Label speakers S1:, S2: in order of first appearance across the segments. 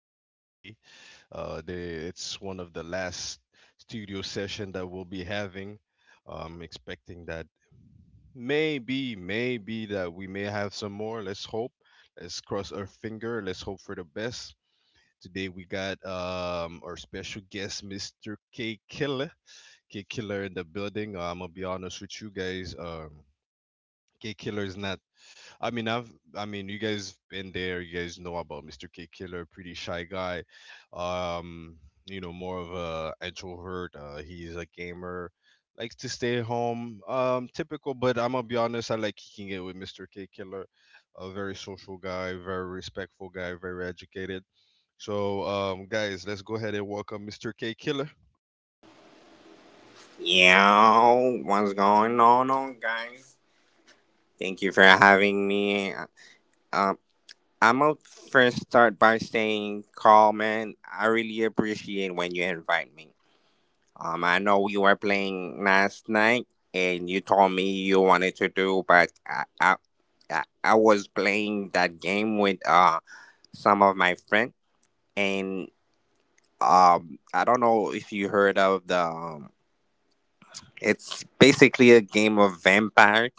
S1: another day. It's one of the last studio session that we'll be having. Expecting that maybe that we may have some more. Let's hope. Let's cross our finger. Let's hope for the best. Today we got our special guest, Mr. K Killer. K Killer in the building. I'm gonna be honest with you guys. K Killer is not. I mean, I mean, you guys been there. You guys know about Mr. K Killer, pretty shy guy. Um, More of a introvert. He's a gamer, likes to stay at home. Typical, but I'm gonna be honest. I like kicking it with Mr. K Killer, a very social guy, very respectful guy, very educated. So, guys, let's go ahead and welcome Mr. K Killer.
S2: Yo, what's going on, guys? Thank you for having me. Um, I'm gonna first start by saying, Carl, man, I really appreciate when you invite me. I know you were playing last night, and you told me you wanted to do, but I was playing that game with some of my friends, and I don't know if you heard of the. It's basically a game of vampires.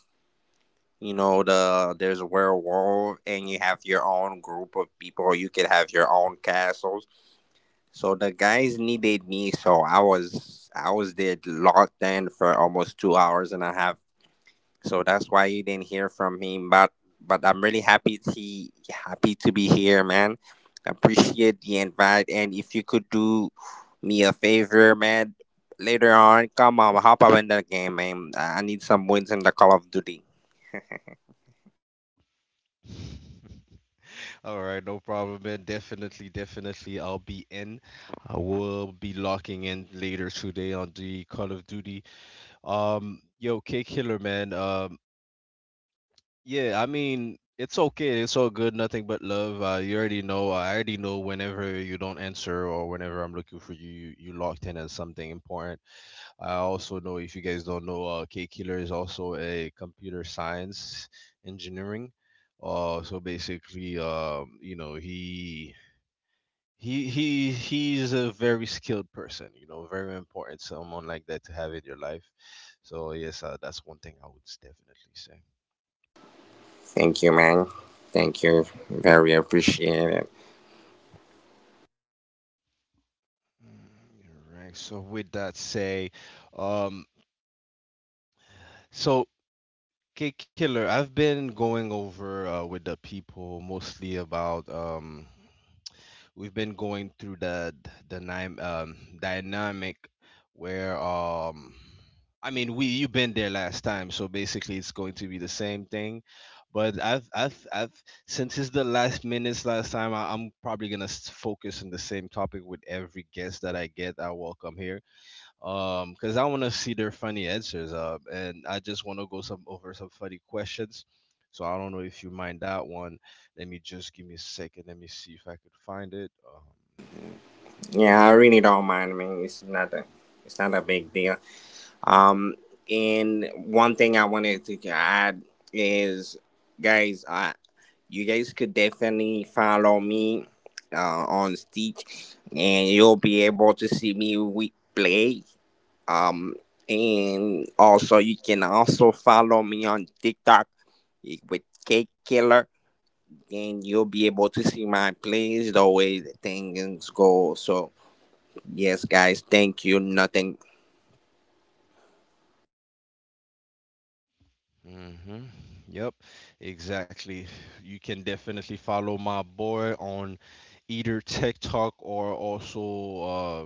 S2: There's a werewolf, and you have your own group of people. You could have your own castles. So the guys needed me, so I was there locked in for almost 2 hours and a half. So that's why you didn't hear from me. But I'm really happy to be here, man. Appreciate the invite, and if you could do me a favor, man, later on, come on, hop up in the game, man. I need some wins in the Call of Duty.
S1: All right, no problem, man. Definitely, definitely, I'll be in. I will be locking in later today on the Call of Duty. Yo, K Killer, man. Yeah, I mean, it's okay. It's all good. Nothing but love. You already know. I already know. Whenever you don't answer or whenever I'm looking for you locked in as something important. I also know if you guys don't know, K Killer is also a computer science engineering. So basically, he's a very skilled person, you know, very important, someone like that to have in your life. So yes, that's one thing I would definitely say.
S2: Thank you, man. Thank you. Very appreciated.
S1: Right, so with that say, um so K Killer, I've been going over, with the people mostly about, we've been going through the dynamic, dynamic where, I mean, we you've been there last time, so basically it's going to be the same thing. But I've since it's the last minutes last time, I'm probably gonna focus on the same topic with every guest that I get. I welcome here because I want to see their funny answers, and I just want to go some over some funny questions. So I don't know if you mind that one. Let me just, give me a second, let me see if I could find it. Yeah.
S2: Yeah, I really don't mind, man. It's not a big deal. Um, and one thing I wanted to add is, guys, you guys could definitely follow me, uh, on Stitch, and you'll be able to see me we play. Um, and also you can also follow me on TikTok, with Cake Killer, and you'll be able to see my plays the way the things go. So yes, guys, thank you. Nothing.
S1: Mm-hmm. Yep. Exactly. You can definitely follow my boy on either TikTok, or also,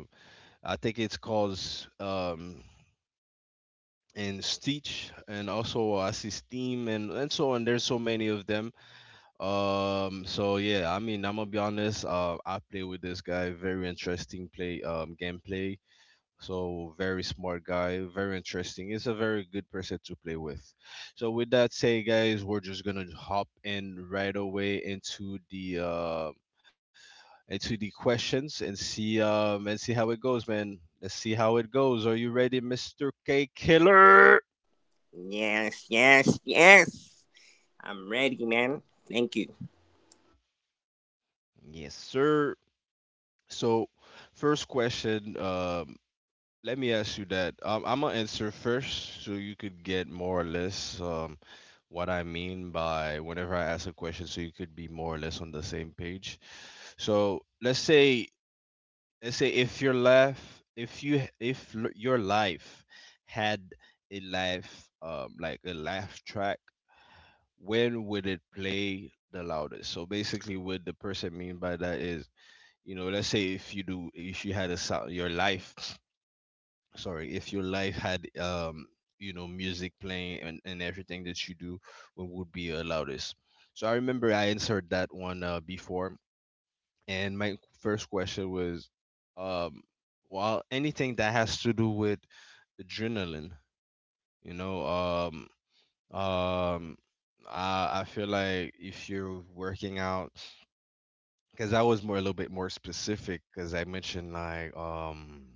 S1: I think it's called, um and Stitch, and also I see Steam, and so on. There's so many of them. So yeah, I mean, I'm gonna be honest. I play with this guy. Very interesting play. Gameplay. So very smart guy. Very interesting. It's a very good person to play with. So with that say, guys, we're just gonna hop in right away into the questions, and see how it goes, man. Let's see how it goes. Are you ready, Mr. K Killer?
S2: Yes, yes, yes. I'm ready, man. Thank you.
S1: Yes, sir. So first question. Let me ask you that. I'm gonna answer first, so you could get more or less, what I mean by whenever I ask a question, so you could be more or less on the same page. So let's say if your life, if you, if l- your life had a life, like a laugh track, when would it play the loudest? So basically, what the person mean by that is, you know, let's say if you had a sound, your life. Sorry, if your life had music playing, and everything that you do, what would be, loudest. So I remember I answered that one, before. And my first question was, um well, anything that has to do with adrenaline. You know, um I feel like if you're working out, because I was more a little bit more specific because I mentioned like,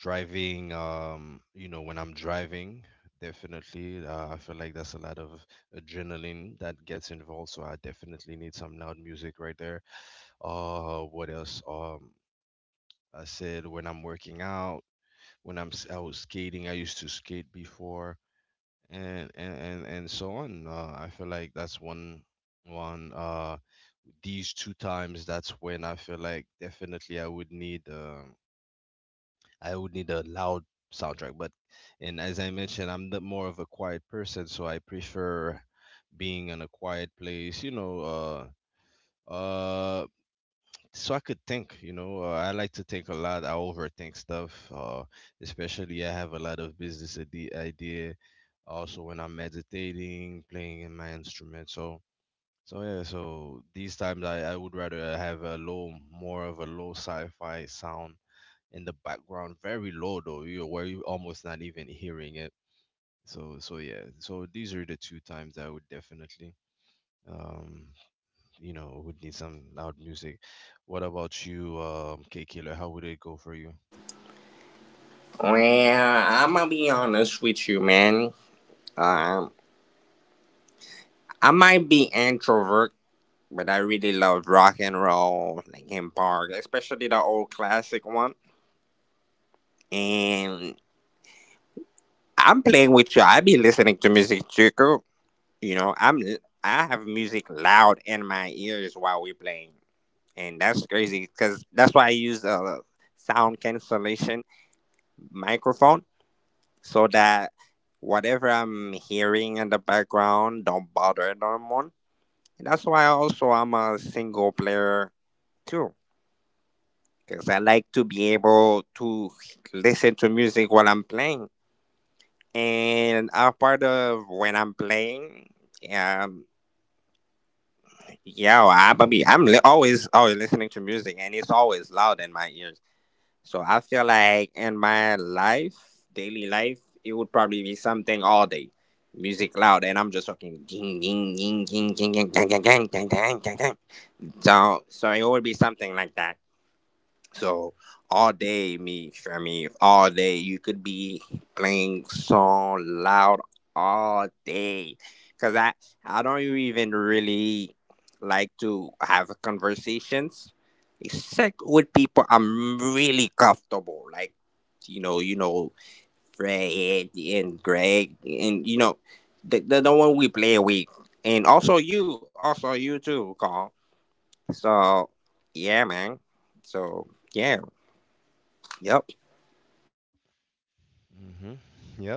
S1: driving. When I'm driving, definitely, I feel like that's a lot of adrenaline that gets involved, so I definitely need some loud music right there. What else? I said when I'm working out, I was skating, I used to skate before, and so on. I feel like that's one one these two times, that's when I feel like definitely I would need a loud soundtrack. But and as I mentioned, I'm the more of a quiet person, so I prefer being in a quiet place. You know, uh, so I could think. You know, I like to think a lot. I overthink stuff. Especially I have a lot of business idea. Also, when I'm meditating, playing in my instrument, so. So yeah, so these times, I would rather have a low, more of a low sci-fi sound in the background, very low though, you where you're almost not even hearing it. So yeah, so these are the two times I would definitely um would need some loud music. What about you, K Killer? How would it go for you?
S2: Well, I'm gonna be honest with you, man. Um, I might be introvert, but I really love rock and roll, like in park, especially the old classic one. And I'm playing with you. I be listening to music, Chico. You know, I have music loud in my ears while we're playing, and that's crazy because that's why I use a sound cancellation microphone so that whatever I'm hearing in the background don't bother anyone. And that's why also I'm a single player too, because I like to be able to listen to music while I'm playing and a part of when I'm playing, um, yeah, I mean, always listening to music, and it's always loud in my ears. So I feel like in my life, daily life, it would probably be something all day, music loud, and I'm just talking ding ding ding ding ding ding ding ding ding ding ding ding ding. So it would be something like that. So all day, me, I mean, all day you could be playing song loud all day, cause I don't even really like to have conversations except with people I'm really comfortable, like you know, you know, Fred and Greg, and the one we play with, and also you too, Carl. So yeah, man. So yeah, yep.
S1: Hmm. Yep.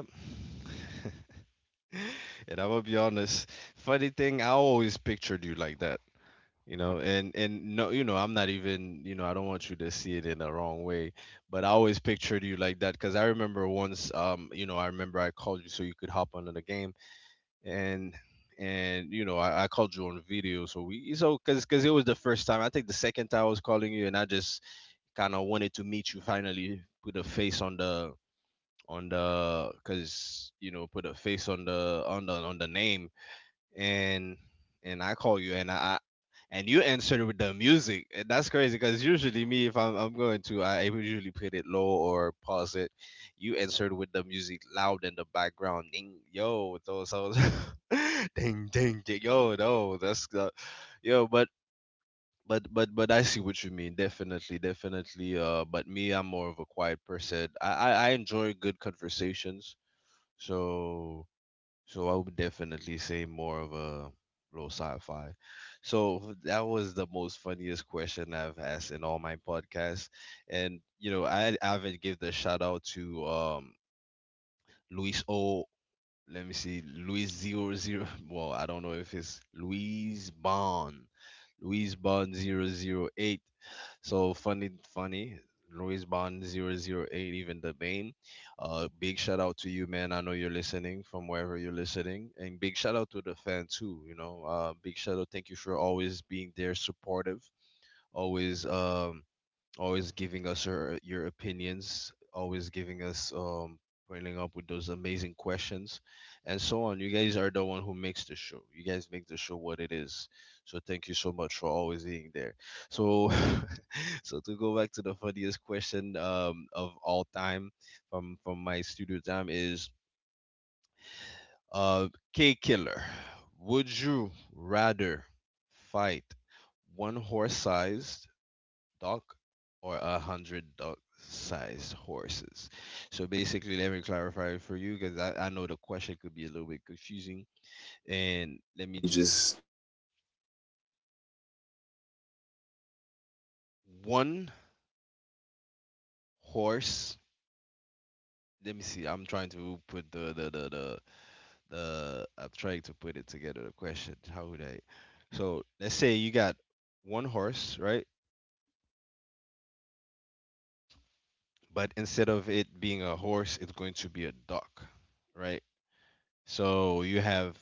S1: And I will be honest, funny thing, I always pictured you like that. You know, and no, you know, I'm not even, you know, I don't want you to see it in the wrong way, but I always pictured you like that because I remember once, I remember I called you so you could hop onto the game, and and you know, I called you on video, so we so because it was the first time, I think the second time I was calling you, and I just kind of wanted to meet you, finally put a face on the because you know, put a face on the name, and and I call you, and you answer with the music. And that's crazy because usually me, if I'm going to, I usually put it low or pause it. You answered with the music loud in the background. Ding yo, so ding ding ding yo, no, that's the yo. But I see what you mean. Definitely, definitely. But me, I'm more of a quiet person. I enjoy good conversations. So so I would definitely say more of a low sci-fi. So that was the most funniest question I've asked in all my podcasts. And you know, I haven't give the shout out to Luis O. Let me see, Luis zero zero. Well, I don't know if it's Luis Bond, Luis Bond 008. So funny, funny. Louis Bond 008, even the name. Big shout out to you, man. I know you're listening from wherever you're listening. And big shout out to the fan, too. You know, big shout out. Thank you for always being there, supportive, always, always giving us your opinions, always giving us pointing up with those amazing questions, and so on. You guys are the one who makes the show. You guys make the show what it is. So thank you so much for always being there. So so to go back to the funniest question of all time, from my studio time is, uh K Killer. Would you rather fight one horse sized dog or 100 dog sized horses? So basically, let me clarify it for you because I know the question could be a little bit confusing. And let me
S2: You
S1: just,
S2: just—
S1: one horse. Let me see. I'm trying to put the I'm trying to put it together. The question. How would I? So let's say you got one horse, right? But instead of it being a horse, it's going to be a duck, right? So you have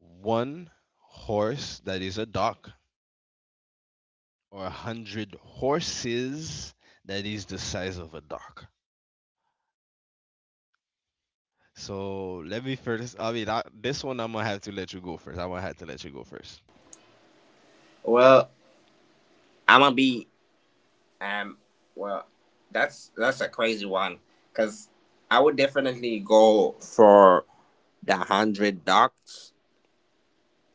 S1: one horse that is a dock, or 100 horses that is the size of a dock. So let me first. I mean, this one I'm gonna have to let you go first. I'm gonna have to let you go first.
S2: well, I'm gonna be um. Well, that's a crazy one, cause I would definitely go for the 100 ducks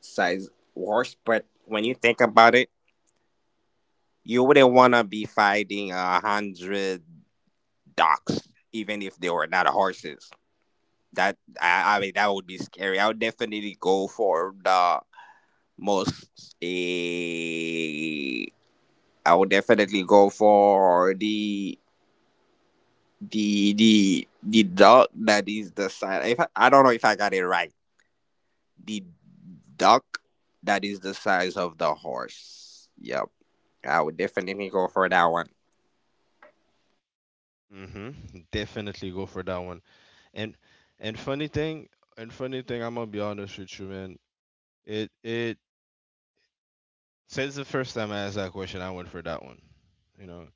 S2: size horse. But when you think about it, you wouldn't wanna be fighting 100 ducks, even if they were not horses. That I mean, that would be scary. I would definitely go for the most. I would definitely go for the dog that is the size, if I don't know if I got it right, the dog that is the size of the horse. Yep, I would definitely go for that one.
S1: Mm-hmm. Definitely go for that one. And and funny thing, I'm gonna be honest with you, man. It Since the first time I asked that question, I went for that one. You know,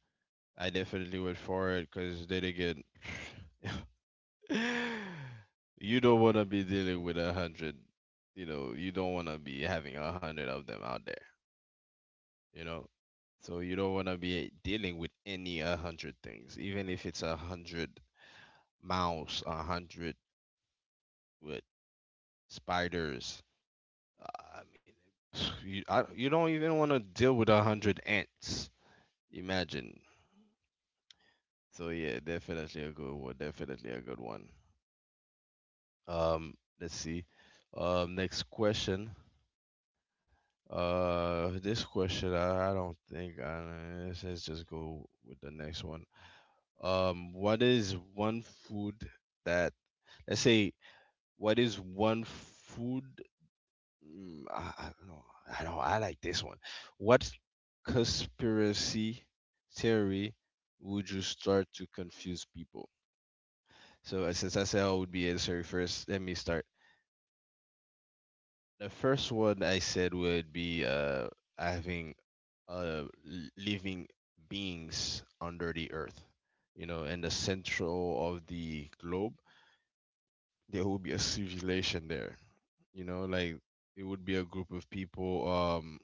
S1: I definitely went for it because they did get. You don't want to be dealing with a hundred, you don't want to be having a hundred of them out there, you know so you don't want to be dealing with any a hundred things, even if it's a hundred mouse, a hundred with spiders. I mean, you don't even want to deal with a hundred ants. Imagine. So yeah, definitely a good one, definitely a good one. um let's see. Next question. This question, I don't think I let's just go with the next one. What is one food that, let's say, what is one food? I don't know. I don't. I like this one. What conspiracy theory would you start to confuse people? So since I said I would be answering first, let me start. The first one I said would be having uh, l- living beings under the earth. You know, in the central of the globe, there will be a civilization there. You know, like it would be a group of people.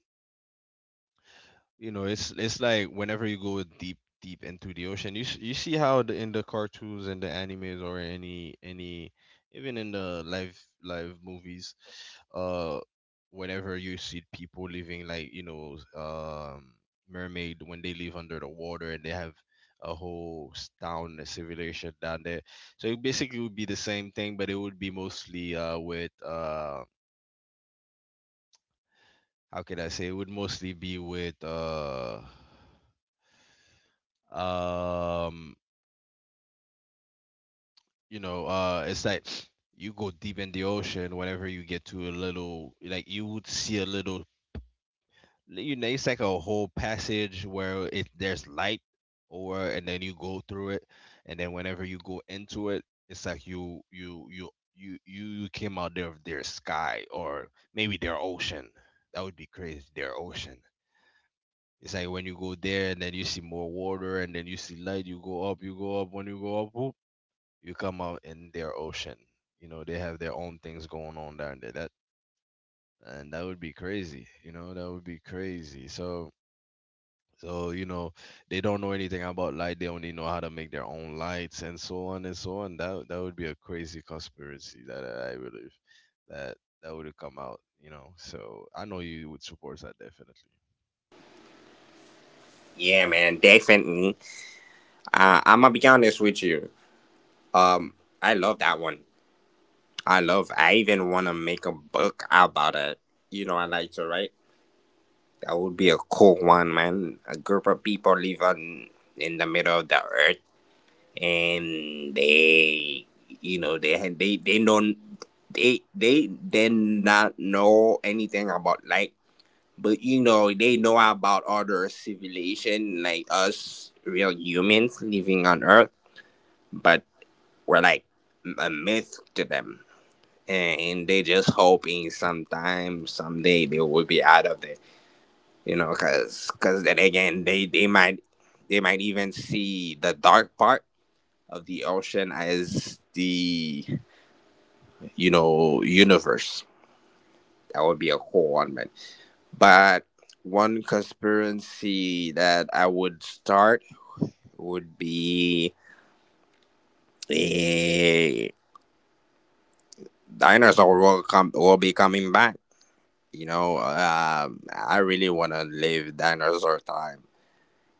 S1: You know, it's like whenever you go deep into the ocean, you see how the, in the cartoons and the animes, or any even in the live movies, uh, whenever you see people living, like, mermaid, when they live under the water and they have a whole s- town a civilization down there. So it basically would be the same thing, but it would be mostly with how could I say it would mostly be with Um, you know, it's like you go deep in the ocean. Whenever you get to a little, like you would see a little, you know, it's like a whole passage where it there's light, or and then you go through it, and then whenever you go into it, it's like you came out there of their sky or maybe their ocean. That would be crazy. Their ocean. It's like when you go there and then you see more water and then you see light, you go up, you go up. When you go up, whoop, you come out in their ocean. You know, they have their own things going on down there. That and that would be crazy. You know, that would be crazy. So so you know, they don't know anything about light. They only know how to make their own lights and so on and so on. That would be a crazy conspiracy that I believe that that would have come out. You know, so I know you would support that definitely.
S2: Yeah, man, definitely. I'm gonna be honest with you. um I love that one. I even want to make a book about it. You know, I like to write. That would be a cool one, man. A group of people living in the middle of the earth, and they, you know, they had they don't they did not know anything about like, but you know, they know about other civilization, like us real humans living on earth. But we're like a myth to them, and they just hoping sometime, someday they will be out of it. You know, because then again, they might even see the dark part of the ocean as the, you know, universe. That would be a cool one, man. But one conspiracy that I would start would be a dinosaur will be coming back. You know, I really want to live dinosaur time.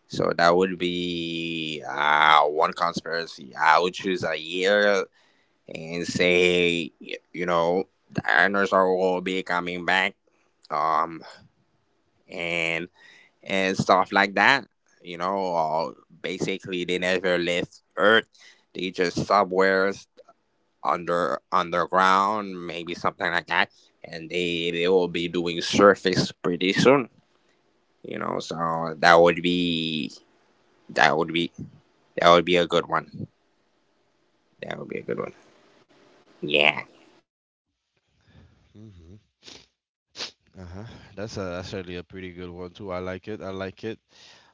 S2: So that would be, one conspiracy. I would choose a year and say, you know, dinosaur will be coming back. um and and stuff like that. You know, or basically they never left earth. They just somewhere underground, maybe something like that. And they will be doing surface pretty soon. You know, so that would be, that would be, that would be a good one. That would be a good one. Yeah.
S1: Uh-huh. That's actually a pretty good one too. I like it. I like it.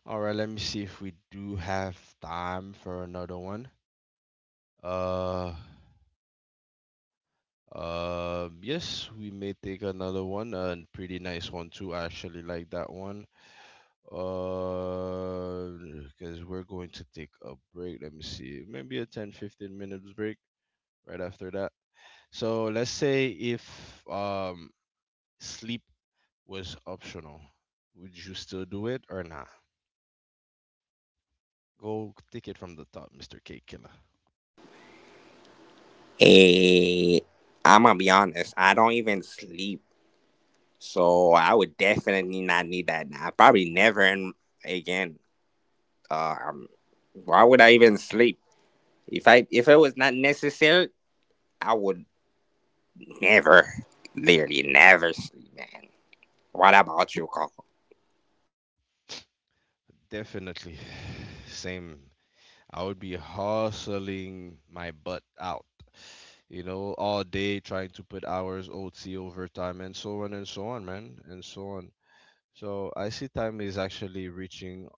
S1: All right, let me see if we do have time for another one. Uh, yes, we may take another one. A pretty nice one too. I actually like that one. Uh, because we're going to take a break. Let me see. Maybe a 10 to 15 minutes break right after that. So let's say if sleep was optional, would you still do it or not? Go take it from the top, Mr. Cake Killer.
S2: eh, I'm gonna be honest, I don't even sleep, so I would definitely not need that nap probably never in again. Uh, um, why would I even sleep? If it was not necessary, I would never, literally never sleep, man. What about you, Cole?
S1: Definitely. Same. I would be hustling my butt out, you know, all day trying to put hours, OT, overtime, and so on, man, and so on. So I see time is actually reaching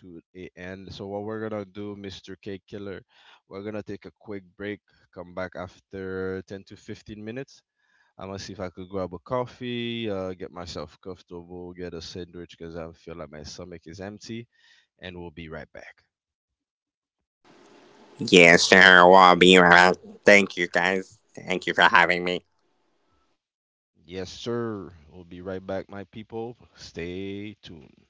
S1: to a end. So what we're gonna do, Mr. Cake Killer, we're gonna take a quick break, come back after 10 to 15 minutes, I'm gonna see if I could grab a coffee, get myself comfortable, get a sandwich because I feel like my stomach is empty, and we'll be right back.
S2: Yes, sir. Well, be right. Thank you, guys. Thank you for having me.
S1: Yes, sir. We'll be right back, my people. Stay tuned.